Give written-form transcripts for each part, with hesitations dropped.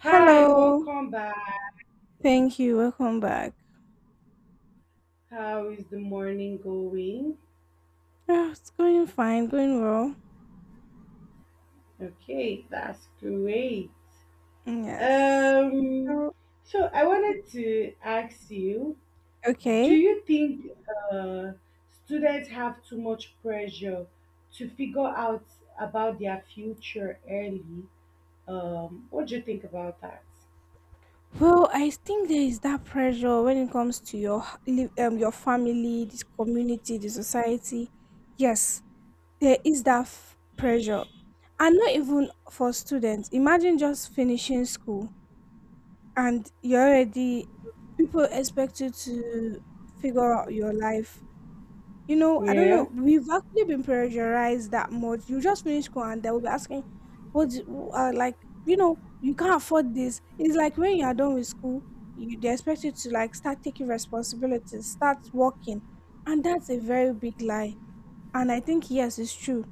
Hi, welcome back. Thank you. Welcome back. How is the morning going? Ah, it's going fine, going well. Okay, that's great. Yes. Um, So, so I okay. wanted to ask you, do Okay. you think uh, students have too much pressure to figure out about their future early? What do you think about that? Well, I think there is that pressure when it comes to your your family, this community, the society. Yes, there is that pressure, and not even for students. Imagine just finishing school and you're already, people expect you to figure out your life. I don't Yeah. know. We've actually been pressurized that much. You just finish school and they'll be asking, what, do you- like, you know, you can't afford this. It's like when you are done with school, you, they expect you to like start taking responsibilities, start working. And that's a very big lie. And I think, yes, it's true,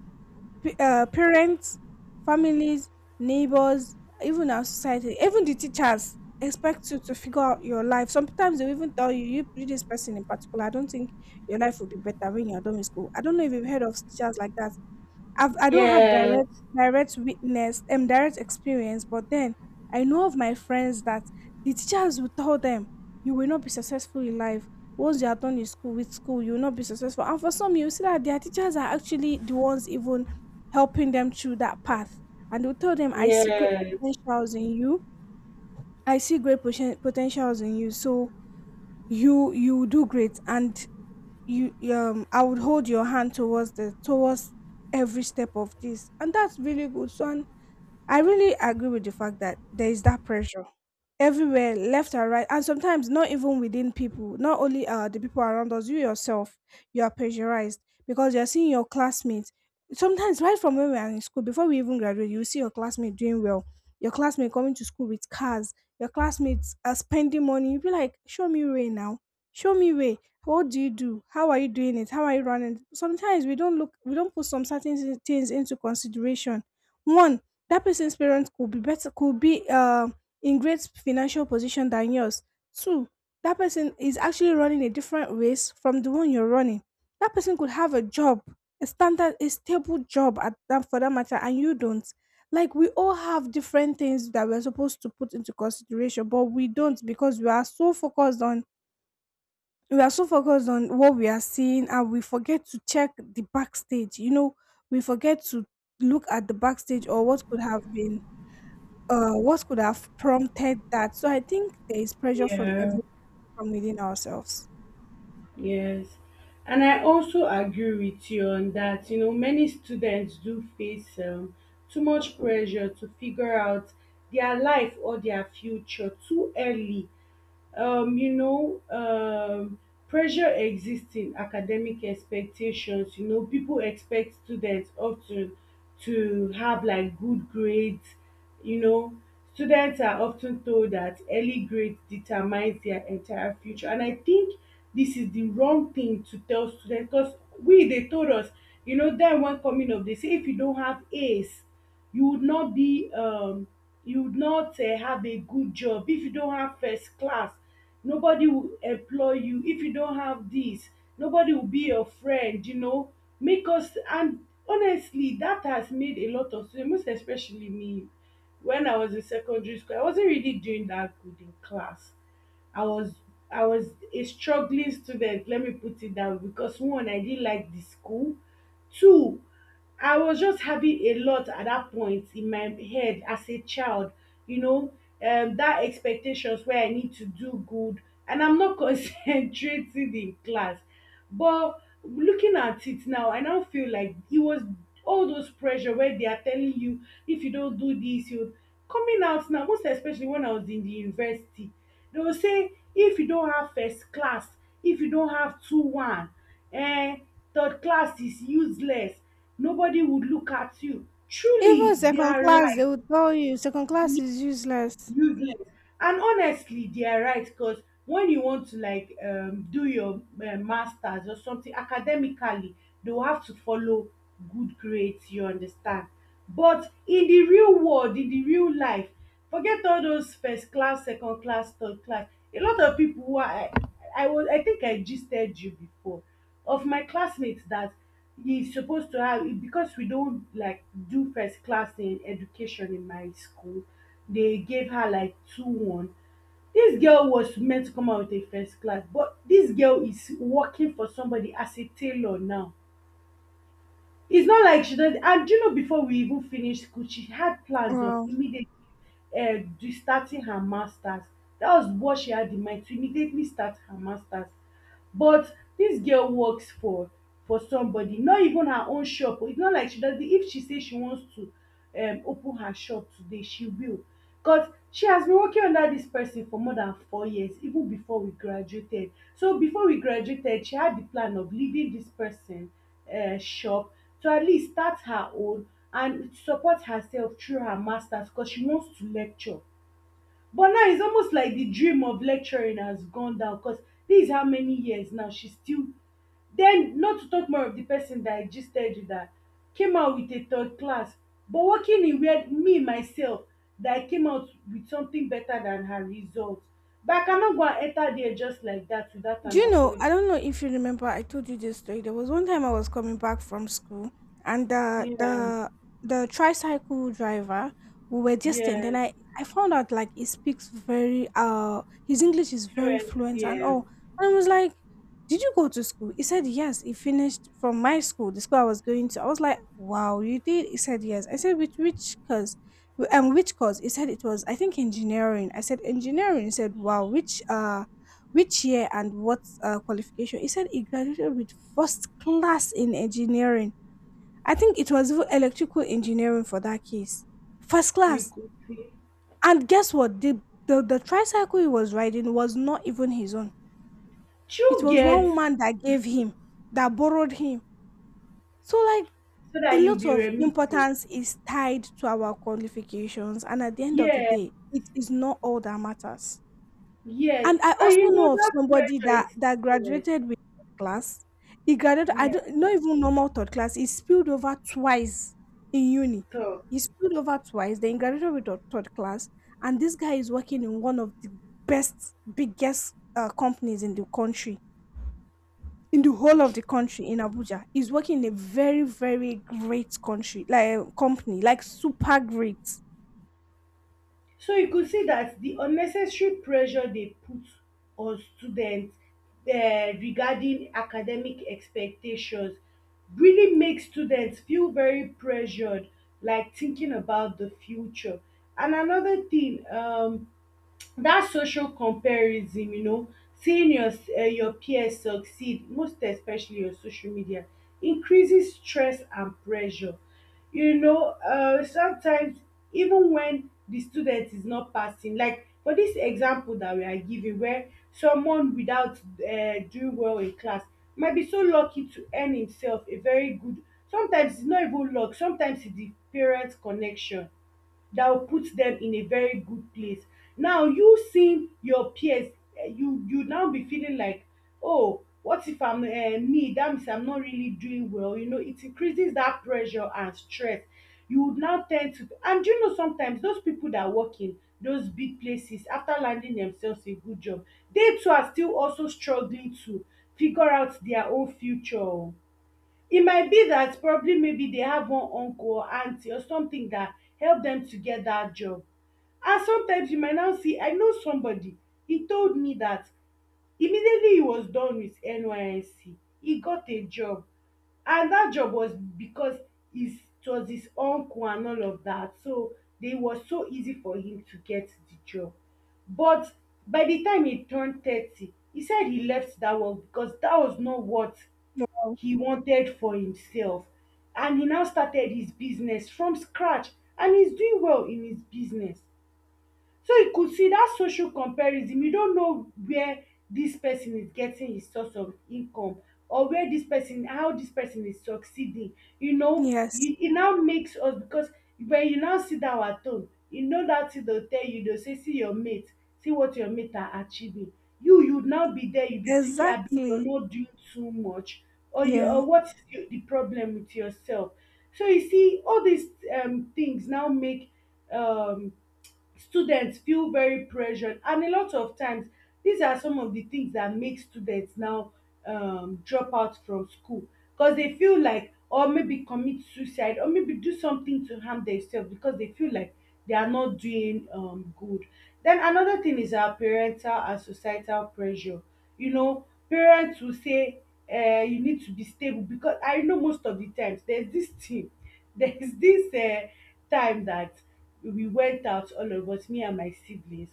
parents, families, neighbors, even our society, even the teachers expect you to figure out your life. Sometimes they even tell you, you, this person in particular, I don't think your life will be better when you're done with school. I don't know if you've heard of teachers like that. I don't have direct Yes. direct witness direct experience, but then I know of my friends that the teachers will tell them, you will not be successful in life. Once you are done in school, with school, you will not be successful. And for some, you see that their teachers are actually the ones even helping them through that path. And they'll tell them, I see great Yes. potentials in you. I see great potentials in you. So you do great. And you, I would hold your hand towards the towards every step of this, and that's really good. So, and I really agree with the fact that there is that pressure everywhere, left and right, and sometimes not even within people. Not only the people around us, you yourself, you are pressurized because you're seeing your classmates. Sometimes, right from when we are in school, before we even graduate, you see your classmate doing well, your classmate coming to school with cars, your classmates are spending money. You be like, show me way now, show me way. What do you do? How are you doing it? How are you running? Sometimes we don't look, we don't put some certain things into consideration. One, that person's parents could be better, could be in great financial position than yours. Two, that person is actually running a different race from the one you're running. That person could have a job, a standard, a stable job at that, for that matter, and you don't. Like, we all have different things that we're supposed to put into consideration, but we don't, because we are so focused on what we are seeing, and we forget to check the backstage, we forget to look at the backstage, or what could have been, what could have prompted that. So I think there is pressure from Yeah. every, from within ourselves. Yes. And I also agree with you on that. You know, many students do face too much pressure to figure out their life or their future too early, um, you know, um, pressure exists in academic expectations. You know, people expect students often to have like good grades. You know, students are often told that early grades determines their entire future, and I think this is the wrong thing to tell students because we they told us, you know, then when coming up, they say if you don't have A's you would not be you would not have a good job, if you don't have first class, nobody will employ you, if you don't have this, nobody will be your friend, you know, make us. And honestly, that has made a lot of students, most especially me. When I was in secondary school, I wasn't really doing that good in class. I was I was a struggling student, let me put it that way, because one, I didn't like the school. Two, I was just having a lot at that point in my head as a child, you know, that expectations where I need to do good and I'm not concentrating in class. But looking at it now, I now feel like it was all those pressure where they are telling you if you don't do this, you coming out now, most especially when I was in the university, they will say if you don't have first class, if you don't have two one, and third class is useless, nobody would look at you. Even Truly, they second are class, right. they would tell you second class is useless. Useless. And honestly, they are right, because when you want to like do your masters or something academically, they will have to follow good grades, you understand. But in the real world, in the real life, forget all those first class, second class, third class. A lot of people who are I think I gisted you before, of my classmates that he's supposed to have, because we don't like do first class in education in my school, they gave her like two one. This girl was meant to come out with a first class, but this girl is working for somebody as a tailor now. It's not like she don, and do you know, before we even finish school she had plans of Wow. immediately starting her masters. That was what she had in mind, to immediately start her masters. But this girl works for somebody, not even her own shop. It's not like she doesn't, if she say she wants to open her shop today she will, because she has been working under this person for more than four years. Even before we graduated, so before we graduated, she had the plan of leaving this person shop, to at least start her own and support herself through her masters, because she wants to lecture. But now it's almost like the dream of lecturing has gone down, because this is how many years now she's still, then not to talk more of the person that I gisted with, that came out with a third class but working in where me myself, that I came out with something better than her result, but I cannot go and enter there just like that without Do an you know? appointment. I don't know if you remember. I told you this story. There was one time I was coming back from school, and Yeah, the tricycle driver, we were distant, and yes, I found out like he speaks very his English is very fluent, fluent and yeah. all. And I was like, "Did you go to school?" He said, "Yes." He finished from my school, the school I was going to. I was like, "Wow, you did?" He said, "Yes." I said, "Which cause?" Which course? He said it was, I think, engineering. I said engineering. He said, "Wow, which year and what qualification? He said he graduated with first class in engineering. I think it was even electrical engineering for that case. First You class. could pay And guess what? The tricycle he was riding was not even his own. It through was one get, woman that gave him, that borrowed him. So, like, so a that you will lot be of remitting, importance is tied to our qualifications. And at the end of the yeah. day, it is not all that matters. Yes, And I and also you know know of that somebody pressure that is, yes, graduated with third class. He graduated, I yeah, don't, not even normal third class. He spilled over twice in uni. so, He spilled over twice, then he graduated with third class. And this guy is working in one of the best, biggest companies in the country, in the whole of the country, in Abuja. He's working in a very, very great country, like company, like super great. so you could see that the unnecessary pressure they put on students regarding academic expectations really makes students feel very pressured, like thinking about the future. And another thing, that social comparison, you know, seeing your peers succeed, most especially on social media, increases stress and pressure. You know, sometimes even when the student is not passing, like for this example that we are giving, where someone without doing well in class might be so lucky to earn himself a very good, sometimes it's not even luck, sometimes it's the parent connection that will put them in a very good place. Now you seeing your peers, eh, you now be feeling like, oh, what if I'm me? That means I'm not really doing well. You know, it increases that pressure and stress. You would now tend to, and you know, sometimes those people that work in those big places after landing themselves a good job, they too are still also struggling to figure out their own future. O e might be that probably maybe they have one uncle or aunty or something that help them to get that job. And sometimes you might now see, I know somebody, he told me that immediately he was done with NYSC, he got a job. And that job was because his, it was his uncle and all of that. So they was so easy for him to get the job. But by the time he turned 30, he said he left that work because that was not what Wow. he wanted for himself. And he now started his business from scratch, and he's doing well in his business. So you could see that social comparison, you don't know where this person is getting his source of income, or where this person, how this person is succeeding. You know, Yes, you, it now makes us, because when you now sit down at home, you know that thing dey go tell you, dey go say, see your mate, see what your mate are achieving. You now be there, you be thinking, I abi you are exactly. not doing too much, or you, Yeah. or what is the problem with yourself. So you see all these things now make um students feel very pressured, and a lot of times these are some of the things that make students now drop out from school, because they feel like, or maybe commit suicide, or maybe do something to harm themselves because they feel like they are not doing good. Then another thing is our parental and societal pressure. You know, parents will say you need to be stable, because I know most of the times there's this thing, there's this time that we went out, all of us, me and my siblings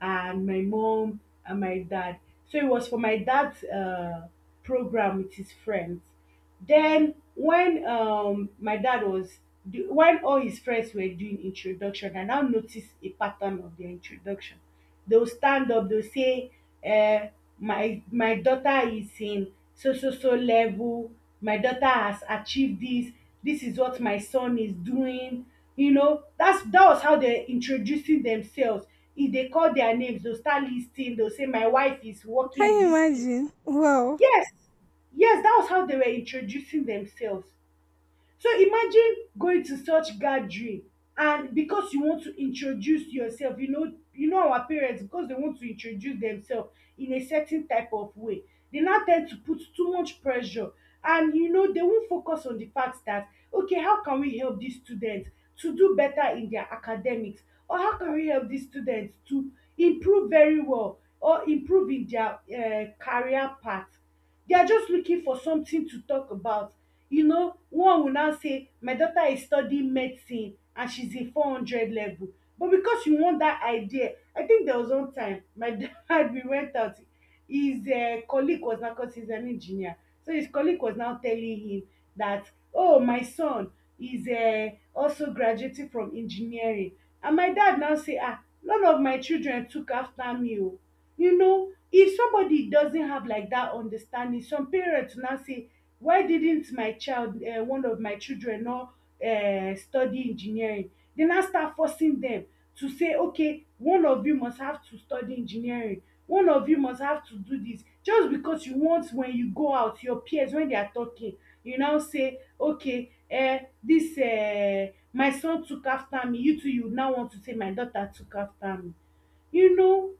and my mom and my dad. So it was for my dad's program with his friends. Then when my dad was the- when all his friends were doing introduction, I now noticed a pattern of their introduction. They will stand up, they will say, "Uh, my daughter is in so so so level, my daughter has achieved this, this is what my son is doing." You know, that's that was how they're introducing themselves. If they call their names, they'll start listing, they'll say, "My wife is working Can in you this place." imagine? Wow. Yes, yes, that was how they were introducing themselves. So imagine going to such gathering, and because you want to introduce yourself, you know, you know our parents, because dey want to introduce themselves in a certain type of way, dey now ten d to put too much pressure. And you know dey won focus on the fact that okay, how can we help dis student to do better in their academics, or how can we help dis student to improve very well, or improve in their career path. They are just looking for something to talk about. You know, one will now say, "My daughter is studying medicine and she's in 400 level." But because you want that idea, I think there was one time my dad, we went out. His colleague was now, because he's an engineer. So his colleague was now telling him that, "Oh, my son is also graduating from engineering." And my dad now say, "Ah, none of my children took after me." oh." You know, if somebody doesn't have like that understanding, some parents will now say, why didn't my child one of my children not study engineering? They now start forcing them to say, okay, one of you must have to study engineering, one of you must have to do this, just because you want, when you go out, your peers, when they are talking, you now say, okay, this my son took after me, you too you now want to say, my daughter took after me, you know.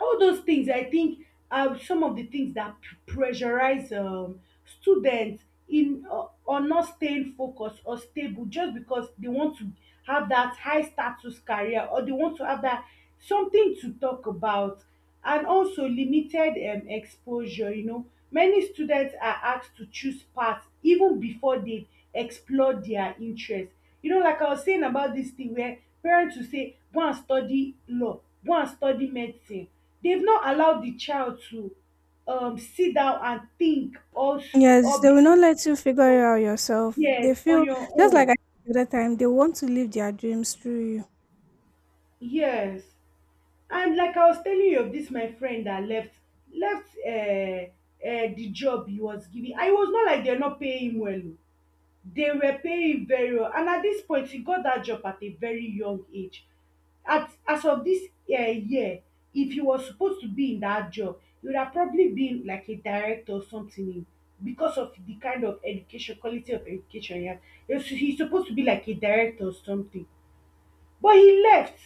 All those things, I think, are some of the things that pressurize students in on not staying focused or stable, just because they want to have that high status career, or they want to have that something to talk about. And also limited exposure, you know, many students are asked to choose paths even before they explore their interest. You know, like I was saying about this thing where parents will say, go and study law, go and study medicine. They've not allowed the child to sit down and think, or Yes, or they be will not able to let you think figure for it out yourself. yes They on feel, your just like own. I said the other time, they want to live their dreams through you. Yes, and like I was telling you of this, my friend that left the job he was giving, and it was not like they're not paying him well. O. they were paying very well, and at this point he got that job at a very young age. At as of this year, if he was supposed to be in that job, he would have probably been like a director or something in, because of the kind of education, quality of education he had. He was, he supposed to be like a director or something, but he left,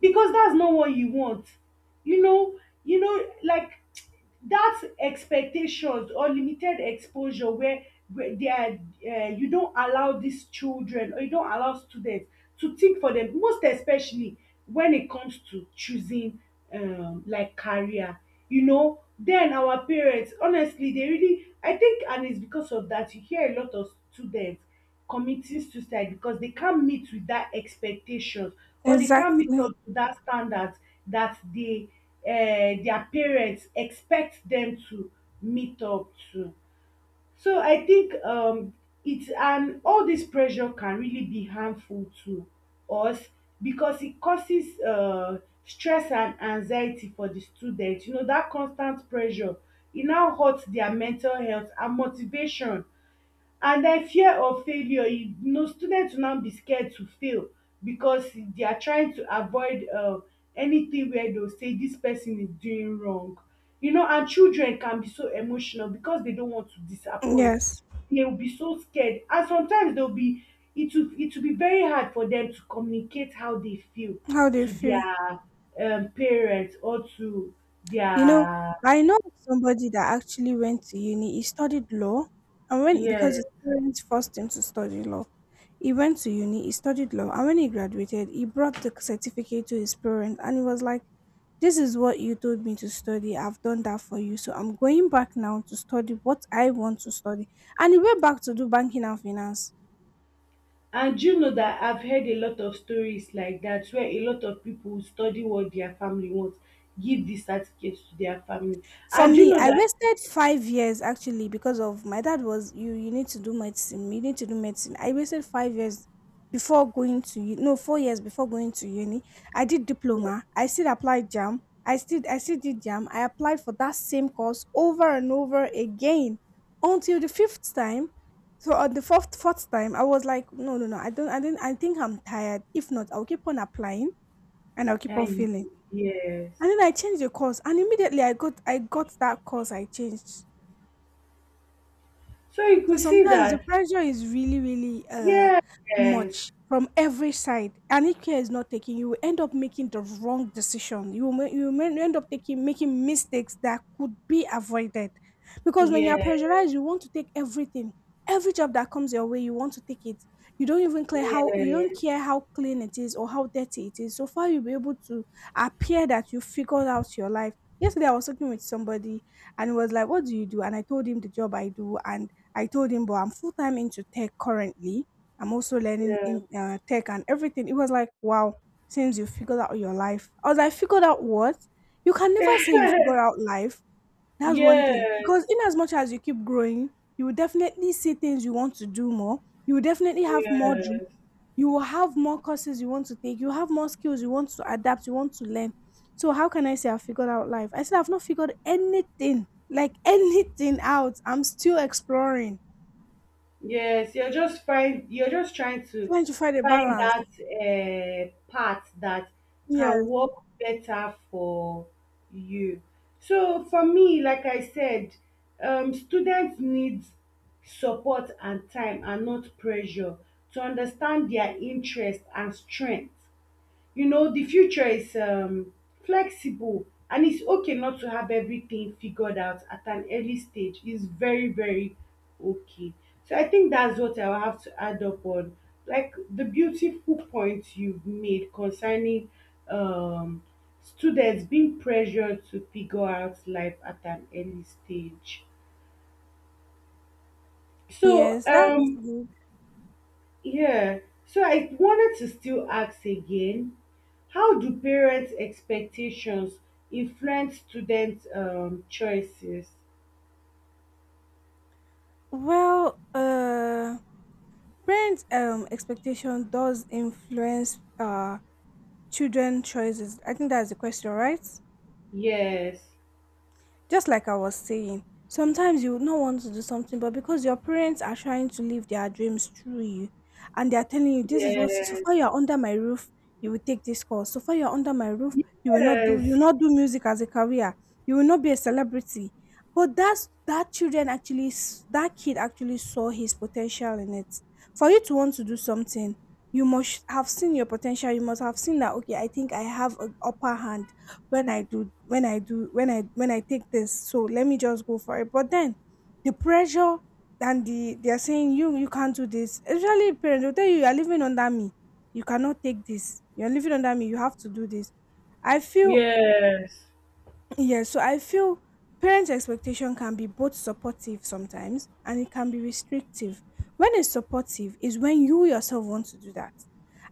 because that's not what you want. You know, you know, that expectations or limited exposure where they are, you don't allow these children, or you don't allow students to think for them, most especially when it comes to choosing like career. You know, then our parents, honestly, they really, I think, and it's because of that, you hear a lot of students committing suicide because they can't meet with that expectations, or they can't meet Exactly. up to that standard that they their parents expect them to meet up to. So I think it's, and all this pressure can really be harmful to us because it causes stress and anxiety for the students. You know, that constant pressure, it now hurts their mental health and motivation, and den fear of failure, you know, student will now be scared to fail because they are trying to avoid anything where they will say this person is doing wrong. You know, and children can be so emotional because they don't want to disappoint. Yes. They will be so scared, and sometimes they will be, it will, it will be very hard for them to communicate how they feel How they to feel. their parents or to You know, their I know of somebody that actually went to uni. He studied law, and when, yeah. because his parents forced him to study law, he went to uni. He studied law, and when he graduated, he brought the certificate to his parents, and he was like, "This is what you told me to study. I've done that for you, so I'm going back now to study what I want to study." And he went back to do banking and finance. And you know that I've heard a lot of stories like that, where a lot of people study what their family wants, give the certificate to their family. For And you me, know I that, wasted 5 years actually, because of my dad was, you need to do medicine. You need to do medicine. I wasted 5 years before going to no, 4 years before going to uni. I did diploma. I still applied jam. I still did jam. I applied for that same course over and over again until the fifth time. So on the fourth time, I was like, no, no, no. I think I'm tired. If not, I'll keep on applying and I'll keep on I, feeling, yes. and then I changed the course, and immediately I got that course I changed. So you So could see sometimes the that, pressure is really, really yes, yes, much from every side, and if care is not taken, you will end up making the wrong decision. You will, you will ma- end up taking making mistakes that could be avoided, because when you are yes, pressurized, you want to take everything, every job that comes your way, you want to take it. You don't even care how, you don't yes, care how clean it is or how dirty it is. So far, you'll be able to appear that you figured out your life. Yesterday, I was talking with somebody, and he was like, "What do you do?" And I told him the job I do, and I told him, but I'm full time into tech currently. I'm also learning in tech and everything. It was like, wow, since you figured out your life. I was like, figured out what? You can yes, never say you figured out life. That's one thing. yes, Because in as much as you keep growing, you will definitely see things you want to do more. You will definitely have more dreams. yes. You will have more courses you want to take. You have more skills you want to adapt. You want to learn. So how can I say I figured out life? I said I've not figured anything, like anything out. I'm still exploring. Yes, you're just find you're just trying to Trying to find a find balance. that part that can Yes. work better for you. So for me, like I said, students need support and time and not pressure to understand their interest and strength. You know, the future is flexible, and it's okay not to have everything figured out at an early stage. It's very, very okay. So I think that's what I'll have to add up on, like the beautiful points you've made concerning um, students being pressured to figure out life at an early stage. so Yes, that's um good. Yeah. So I wanted to still ask again, how do parents' expectations influence students' choices? Well, parent expectation does influence children choices. I think that's the question, right? Yes. Just like I was saying, sometimes you would not want to do something, but because your parents are trying to live their dreams through you and they are telling you this is what, so Yes. far you are under my roof, you will take this course. So far you are under my roof, you Yes. will not do music as a career. You will not be a celebrity. But that's, that children actually that kid actually saw his potential in it. For you to want to do something, you must have seen your potential. You must have seen that, okay, I think I have an upper hand when I do when I do when I take this, so let me just go for it. But then the pressure, and the, they're saying you can't do this. Usually parents will tell you, you are living under me. You cannot take this. You're living under me. You have to do this. I feel, Yes. yes, so I feel parents' expectation can be both supportive sometimes, and it can be restrictive. When it's supportive is when you yourself want to do that.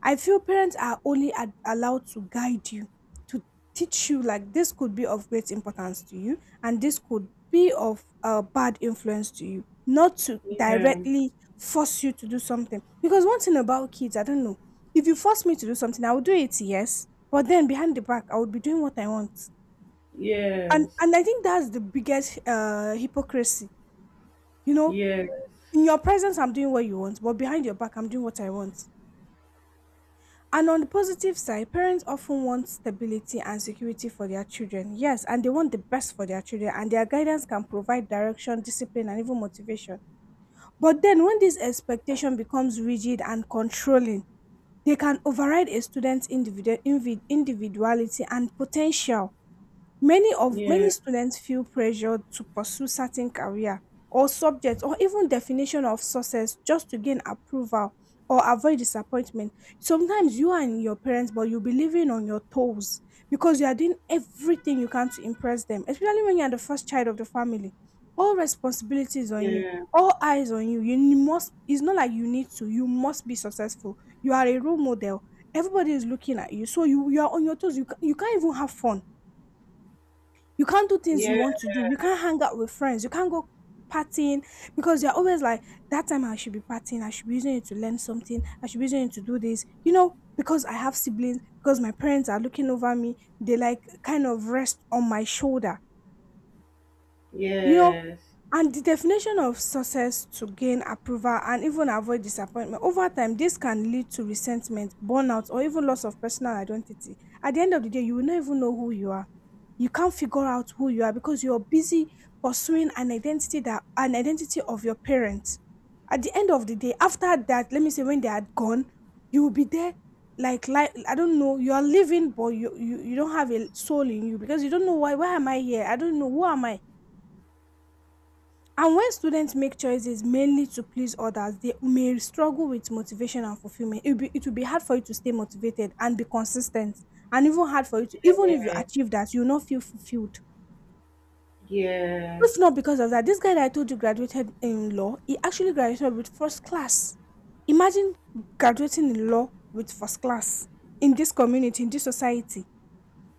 I feel parents are only allowed to guide you, to teach you, like, this could be of great importance to you and this could be of bad influence to you, not to Yeah. directly force you to do something. Because one thing about kids, I don't know, if you force me to do something, I will do it, yes, but then behind the back, I would be doing what I want, and Yes. and I think that's the biggest hypocrisy. You know, Yes. in your presence, I'm doing what you want, but behind your back, I'm doing what I want. And on the positive side, parents often want stability and security for their children. Yes, and they want the best for their children, and their guidance can provide direction, discipline, and even motivation. But then, when this expectation becomes rigid and controlling, they can override a student's individuality and potential. Many Yeah. students feel pressured to pursue certain career or subjects, or even definition of success, just to gain approval or avoid disappointment. Sometimes you and your parents, but you'll be living on your toes because you are doing everything you can to impress them, especially when you are the first child of the family. All responsibilities on you, Yeah. all eyes on you. You must, it's not like you need to, you must be successful. You are a role model. Everybody is looking at you. So you are on your toes. You can't even have fun, you can't do things you Yeah. want to do. You can't hang out with friends. You can't go partying, because you're always like, that time I should be partying. I should be using it to learn something. I should be using it to do this. You know, because I have siblings, because my parents are looking over me, they like kind of rest on my shoulder. You know, Yes. and the definition of success, to gain approval and even avoid disappointment, over time this can lead to resentment, burnout, or even loss of personal identity. At the end of the day, you will not even know who you are. You can't figure out who you are, because you're busy pursuing an identity of your parents. At the end of the day, after that, let me say, when they are gone, you will be there, like, I don't know, you are living, but you don't have a soul in you, because you don't know, why am I here? I don't know, who am I? And when students make choices mainly to please others, they may struggle with motivation and fulfillment. It will be hard for you to stay motivated and be consistent, and even hard for you to, even if you Yeah. achieve that, you will not feel fulfilled. Yes. If not because of that, this guy that I told you graduated in law, he actually graduated with first class. Imagine graduating in law with first class in this community, in this society.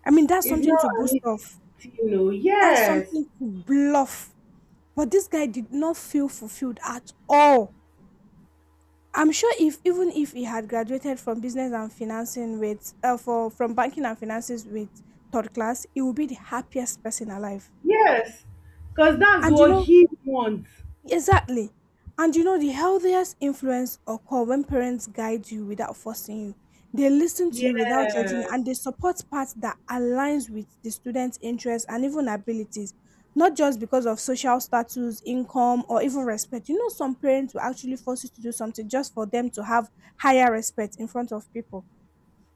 I mean, that's It's something not to an boast easy of. thing, you know. That's Yes. something to bluff. But this guy did not feel fulfilled at all. I'm sure, if even if he had graduated from business and financing with for from banking and finances with third class, he would be the happiest person alive. Yes. Because that's And you what know, he wants. exactly. And you know, the healthiest influence occur when parents guide you without forcing you. They listen to you without judging you, Yes. and they support paths that aligns with the student's interests and even abilities, not just because of social status, income, or even respect. You know, some parents will actually force you to do something just for them to have higher respect in front of people,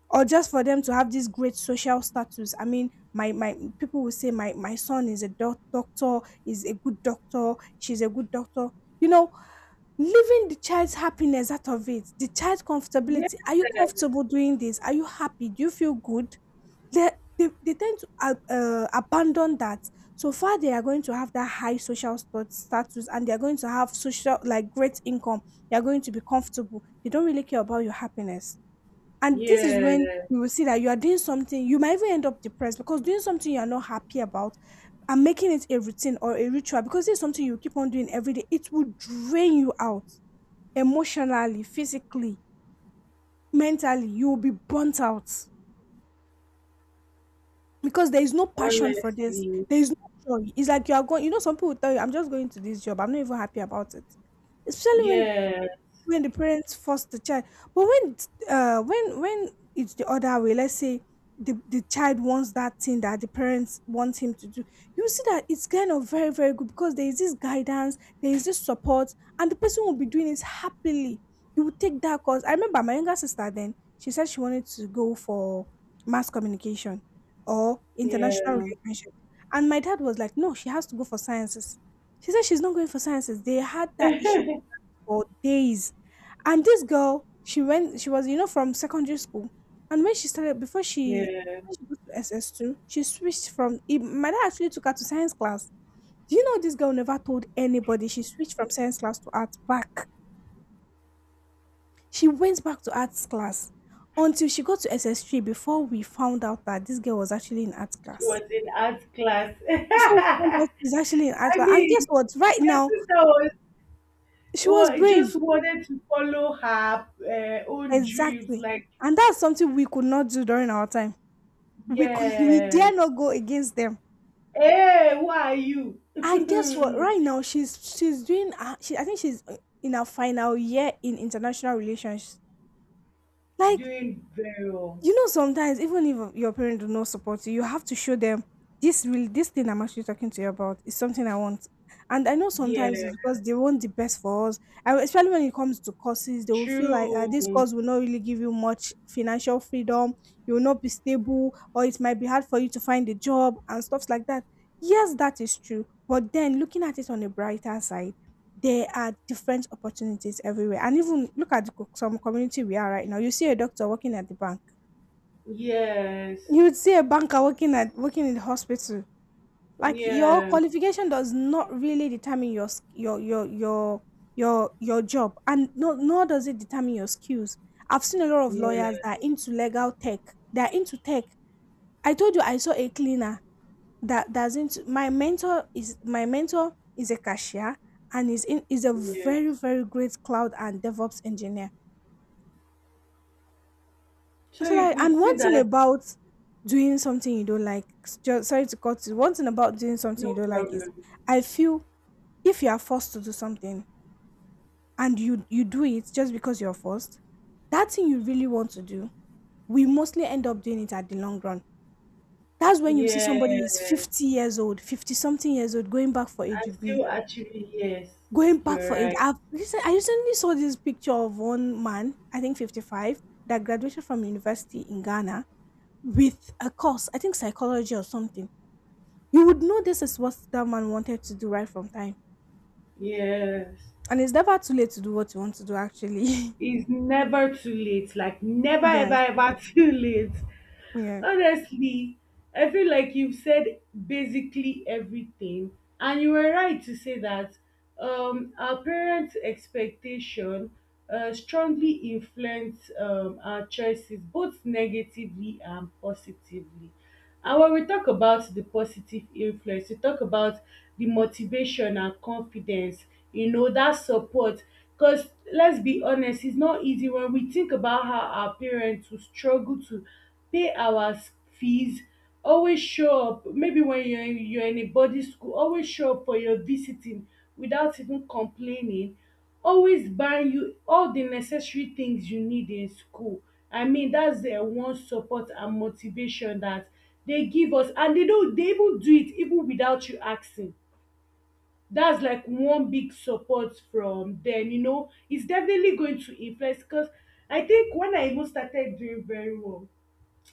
or just for them to have this great social status. I mean, my people will say my son is a doctor, is a good doctor, she's a good doctor. You know, leaving the child's happiness out of it, the child's Yes. comfortability. Are you comfortable doing this? Are you happy? Do you feel good? They they tend to abandon that. So far, they are going to have that high social status, and they are going to have social, like, great income. They are going to be comfortable. They don't really care about your happiness. And this is when Yeah. you will see that you are doing something, you might even end up depressed, because doing something you are not happy about and making it a routine or a ritual, because it's something you keep on doing every day, it will drain you out emotionally, physically, mentally. You will be burnt out, because there is no passion for this. Honestly. There is no joy. It's like you are going, you know, some people tell you, I'm just going to this job, I'm not even happy about it. Especially when Yeah. when the parents force the child. But when it's the other way, let's say, the child wants that thing that the parents want him to do, you see that it's kind of very very good, because there is this guidance, there is this support, and the person will be doing it happily. You will take that course. I remember my younger sister. Then she said she wanted to go for mass communication or international Yeah. relationship, and my dad was like, no, she has to go for sciences. She said she's not going for sciences. They had that issue for days. And this girl, she went, she was, you know, from secondary school. And when she started, Yeah. when she got to SS2, she switched my dad actually took her to science class. Do you know this girl never told anybody she switched from science class to arts back? She went back to arts class until she got to SS3, before we found out that this girl was actually in arts She class. was in art class. Before we found out she's actually in arts I class. And guess mean, what? Right your now, sister was she was brave. just wanted to follow her own dreams. Exactly. Like, And that's something we could not do during our time. We could we dare yes. not go against them. Hey, who are you? And guess what? Doing Right now she's doing, I think she's in her final year in international relations. Like, very well. you know, sometimes, even if your parents do not support you, you have to show them, this thing I'm actually talking to you about is something I want. And I know Yeah. sometimes it's because they want the best for us, and especially when it comes to courses, they will feel like, True. this course will not really give you much financial freedom, you will not be stable, or it might be hard for you to find a job and stuff like that. Yes, that is true, but then, looking at it on a brighter side, there are different opportunities everywhere, and even look at some community we are right now. You see a doctor working at the bank, Yes. you would see a banker working in the hospital. Like, your Yeah. qualification does not really determine your sk- your job, and no, nor does it determine your skills. I've seen a lot of lawyers that are Yes. into legal tech. They are into tech. I told you I saw a cleaner that doesn't. My mentor is a cashier, and is a very Yes. very great cloud and DevOps engineer. So So, you like, could and see one thing that about doing something you don't like, sorry to cut you. One thing about doing something no you don't like is, problem. I feel, if you are forced to do something, and you do it just because you're forced, that thing you really want to do, we mostly end up doing it at the long run. That's when you see somebody is Yes. 50 years old, 50 something years old, going back for a And degree, still achieving, yes. going back You're for a. right. I've recent, I recently saw this picture of one man, I think 55, that graduated from university in Ghana with a course, I think psychology or something. You would know this is what that man wanted to do right from time. Yes. And it's never too late to do what you want to do, actually. It's never too late. Like never, ever, Yes. ever too late. Yeah. Honestly, I feel like you've said basically everything. And you were right to say that our parents' expectation strongly influence our choices, both negatively and positively. And when we talk about the positive influence, we talk about the motivation and confidence, you know, that support. Because let's be honest, it's not easy when we think about how our parents will struggle to pay our fees, always show up. Maybe when you're in a boarding school, always show up for your visiting without even complaining, always buy you all the necessary things you need in school. I mean, that's one support and motivation that they give us, and they don't, they even do it even without you asking. That's like one big support from them, you know. It's definitely going to influence, because I think when I even started doing very well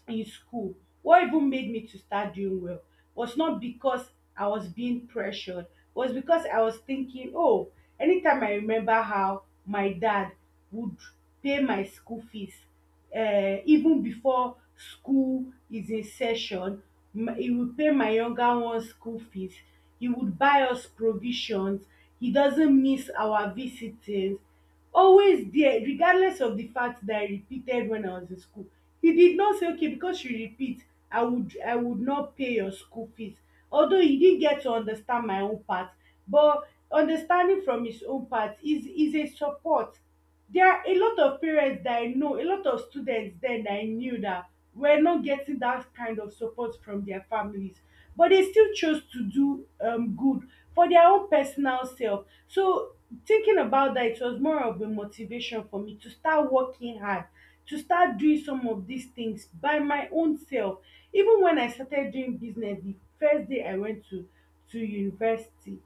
in school, what even made me to start doing well was not because I was being pressured, was because I was thinking, oh, anytime I remember how my dad would pay my school fees, even before school is in session, he would pay my younger one's school fees. He would buy us provisions. He doesn't miss our visitings, always there, regardless of the fact that I repeated when I was in school. He did not say, okay, because you repeat, I would not pay your school fees. Although he didn't get to understand my own part, but understanding from his own part is a support. There are a lot of parents that I know, a lot of students then that I knew, that were not getting that kind of support from their families, but they still chose to do good for their own personal self. So thinking about that, it was more of a motivation for me to start working hard, to start doing some of these things by my own self. Even when I started doing business, the first day I went to university,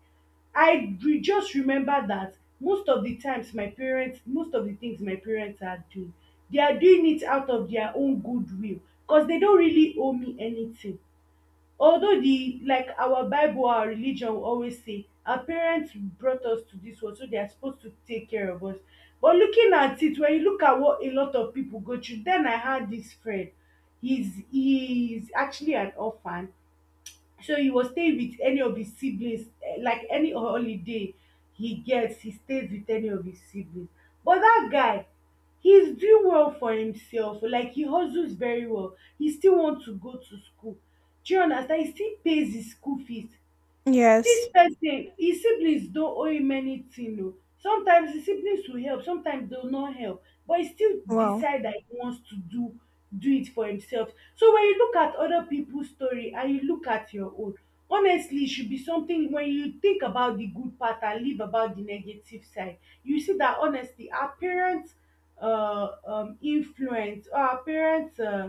I re just remember that most of the times my parents, most of the things my parents are doing, they are doing it out of their own goodwill, because they don't really owe me anything. Although the, like our bible, our religion will always say our parents brought us to this world, so they are supposed to take care of us. But looking at it, when you look at what a lot of people go through, then, I had this friend, he's actually an orphan. So he will stay with any of his siblings, eh, like any holiday he gets, he stays with any of his siblings. But that guy, he's doing well for himself. Like he hustles very well. He still wants to go to school. Do you understand? He still pays his school fees. Dis Yes. person e siblings don owe him anything oo. Sometimes him siblings will help, sometimes dey no help, but e still Wow. decide dat he wants to do, do it for himself. So when you look at other people story and you look at your own, honestly e should be something. When you think about the good part and leave about the negative side, you see dat honestly our parents influence, or our parents um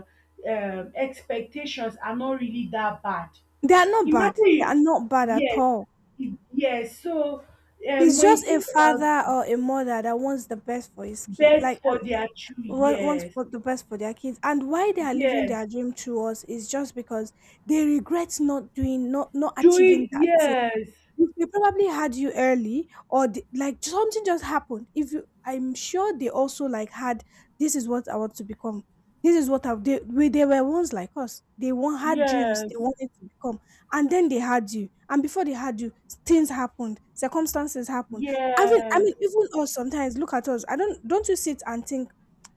um expectations are not really dat bad. They are not bad. Imagine They are you, not bad at yes, all. it- yes. So It's when you just a think about father it, or a mother that wants the best for his kid, like, best for their two wants years, for the best for their kids. And why they are living yes, their dream through us is just because they regret not doing, not doing achieving that. yes, If they probably had you early, or the, like something just happened if you, I'm sure they also like had, this is what I want to become, this is what I, they, we, they were ones like us, they one had dreams, they yes, wanted to become. And then they had you, and before they had you, things happened, circumstances happened. i mean i yes, mean even us, sometimes look at us. I Don't you sit and think,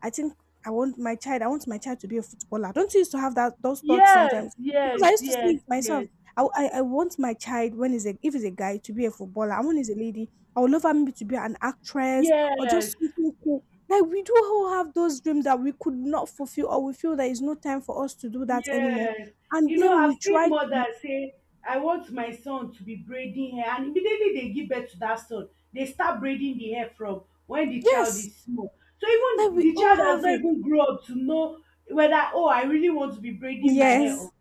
I think, I want my child to be a footballer? Don't you used to have that those thoughts yes, sometimes? Because I yes, used to see it myself. yes, I want my child, when is a, if he's a guy, to be a footballer, and when he's a lady, I would love her maybe to be an actress, yes, or yes. just something cool. Like, we do all have those dreams that we could not fulfill, or we feel there is no time for us to do that anymore, Yes. and You know, then I've we seen try to. mothers say, I want my son to be braiding hair. And immediately they give birth to that son, they start braiding the hair from when the child Yes, is small. So like even we the all child has have not it. even grown up to know whether, oh, I really want to be braiding my hair Yes, or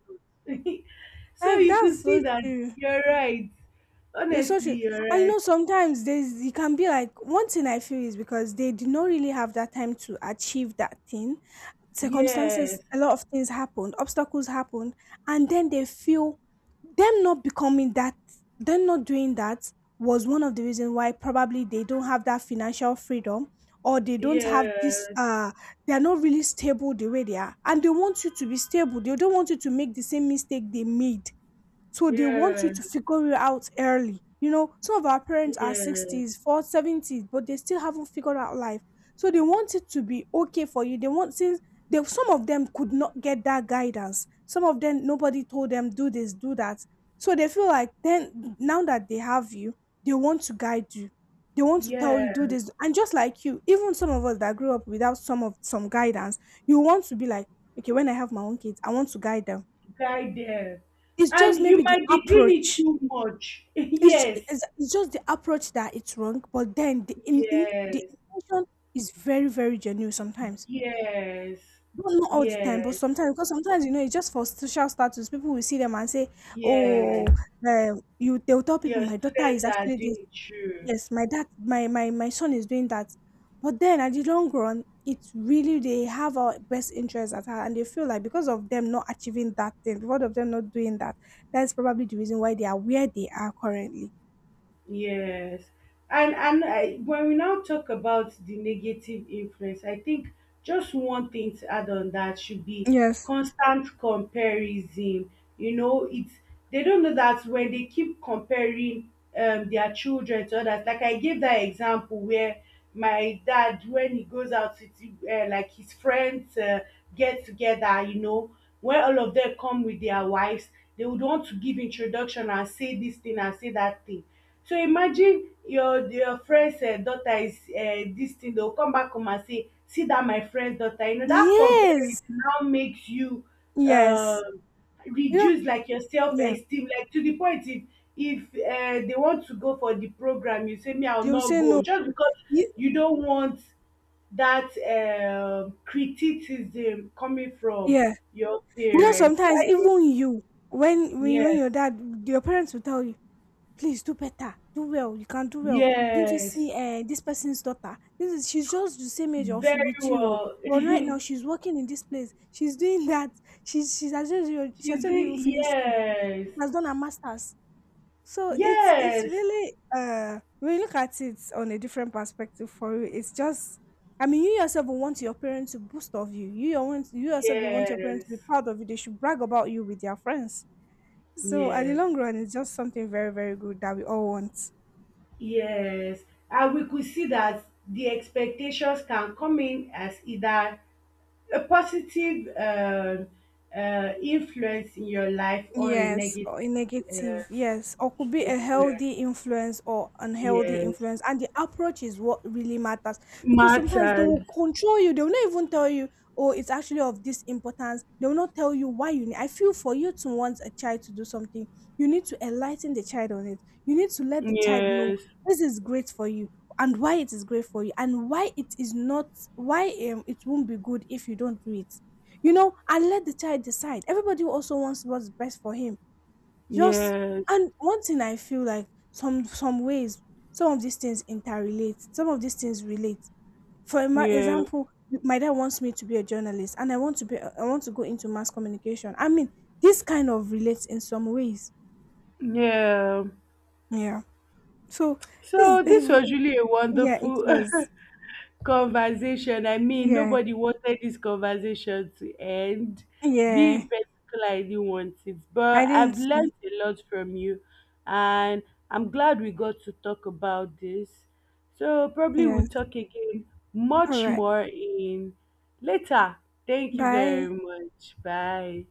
not. So like you that's could see so that, true. you're right. You're so Honestly, true. you're And you right. know, sometimes there's, it can be like, one thing I feel is because they did not really have that time to achieve that thing. Circumstances, Yes. a lot of things happened, obstacles happened, and then they feel them not becoming that, them not doing that was one of the reasons why probably they don't have that financial freedom, or they don't have this Yes. They are not really stable the way they are, and they want you to be stable. They don't want you to make the same mistake they made, so they want you Yes. to figure it out early. You know, some of our parents are Yes. 60s, 40s, 70s, but they still haven't figured out life. So they want it to be okay for you. They want, since some of them could not get that guidance. Some of them, nobody told them do this, do that. So they feel like then now that they have you, they want to guide you. They want to tell Yes. you do this. And just like you, even some of us that grew up without some guidance, you want to be like, okay, when I have my own kids, I want to guide them. Guidance, It's just and you maybe the might be doing it approach, too much. it's ju Yes, it's just the approach that it's wrong, but then the in the yes, intention is very, very genuine sometimes. yes, Not all the time, but yes, sometimes, because sometimes, you know, it's just for social status. People will see them and say, "Oh, yes, you." They'll tell people, your "My daughter is students are actually this. doing it. True. Yes, my dad, my son is doing that." But then, at the long run, it's really they have our best interest at heart, and they feel like because of them not achieving that thing, because of them not doing that, that's probably the reason why they are where they are currently. Yes, and I, when we now talk about the negative influence, I think just one thing to add on that should be Yes. constant comparison. You know, it's, they don't know that when they keep comparing their children to others. Like I gave that example where my dad, when he goes out with like his friends get together, you know, when all of them come with their wives, they would want to give introduction and say this thing and say that thing. So imagine your friend's daughter is dis thing, dey go come back home and say, "See that my friend's daughter," you know that comparison Yes, now makes you yes. um You know, reduce, like, your self yeah. esteem, like to the point, if they want to go for the program, you say, "Me I will They will not say no. go," just because You, you don't want that criticism coming from yeah. your You know, parents. So sometimes I think even you, when yes. your dad, your parents will tell you, please do better, do well. You can do well. Didn't you see Yes. This person's daughter? This is, she's just the same age of you Very with you. Oh. well. But right now she's working in this place. She's doing that. She's, she has not Tuesday, even finished school. yes, She has done her masters. So it's yes, really when you look at it on a different perspective for you, it's just, I mean, you yourself will want your parents to boost of you. You yourself, you want your parents to be yes, proud of you. They should brag about you with their friends. So at the yes, long run it's just something very, very good that we all want. yes. And we could see that the expectations can come in as either a positive influence in your life, or a Yes, negative or a negative, uh, yes, or could be a influence. healthy influence or unhealthy Yes, influence. And the approach is what really matters, because sometimes they matters. will control you, they will not even tell you, oh, it's actually of this importance. They will not tell you why you need. I feel for you to want a child to do something, you need to enlighten the child on it. You need to let the child know Yes, this is great for you, and why it is great for you, and why it is not, why it won't be good if you don't do it. You know, and let the child decide. Everybody also wants what's best for him. Just, yes, and one thing I feel like some ways, some of these things interrelate. Some of these things relate. For yeah, example, my dad wants me to be a journalist, and I want to go into mass communication. I mean, this kind of relates in some ways. yeah. Yeah. So this, So this was really a yeah, it wonderful was. conversation. I mean, Yeah, nobody wanted this conversation to end. Me in yeah. particular, I didn't want it. But I I've didn't. learned a lot from you, and I'm glad we got to talk about this. So probably we'll Yes. talk again All much right. more in later. Thank you Bye. very much. Bye.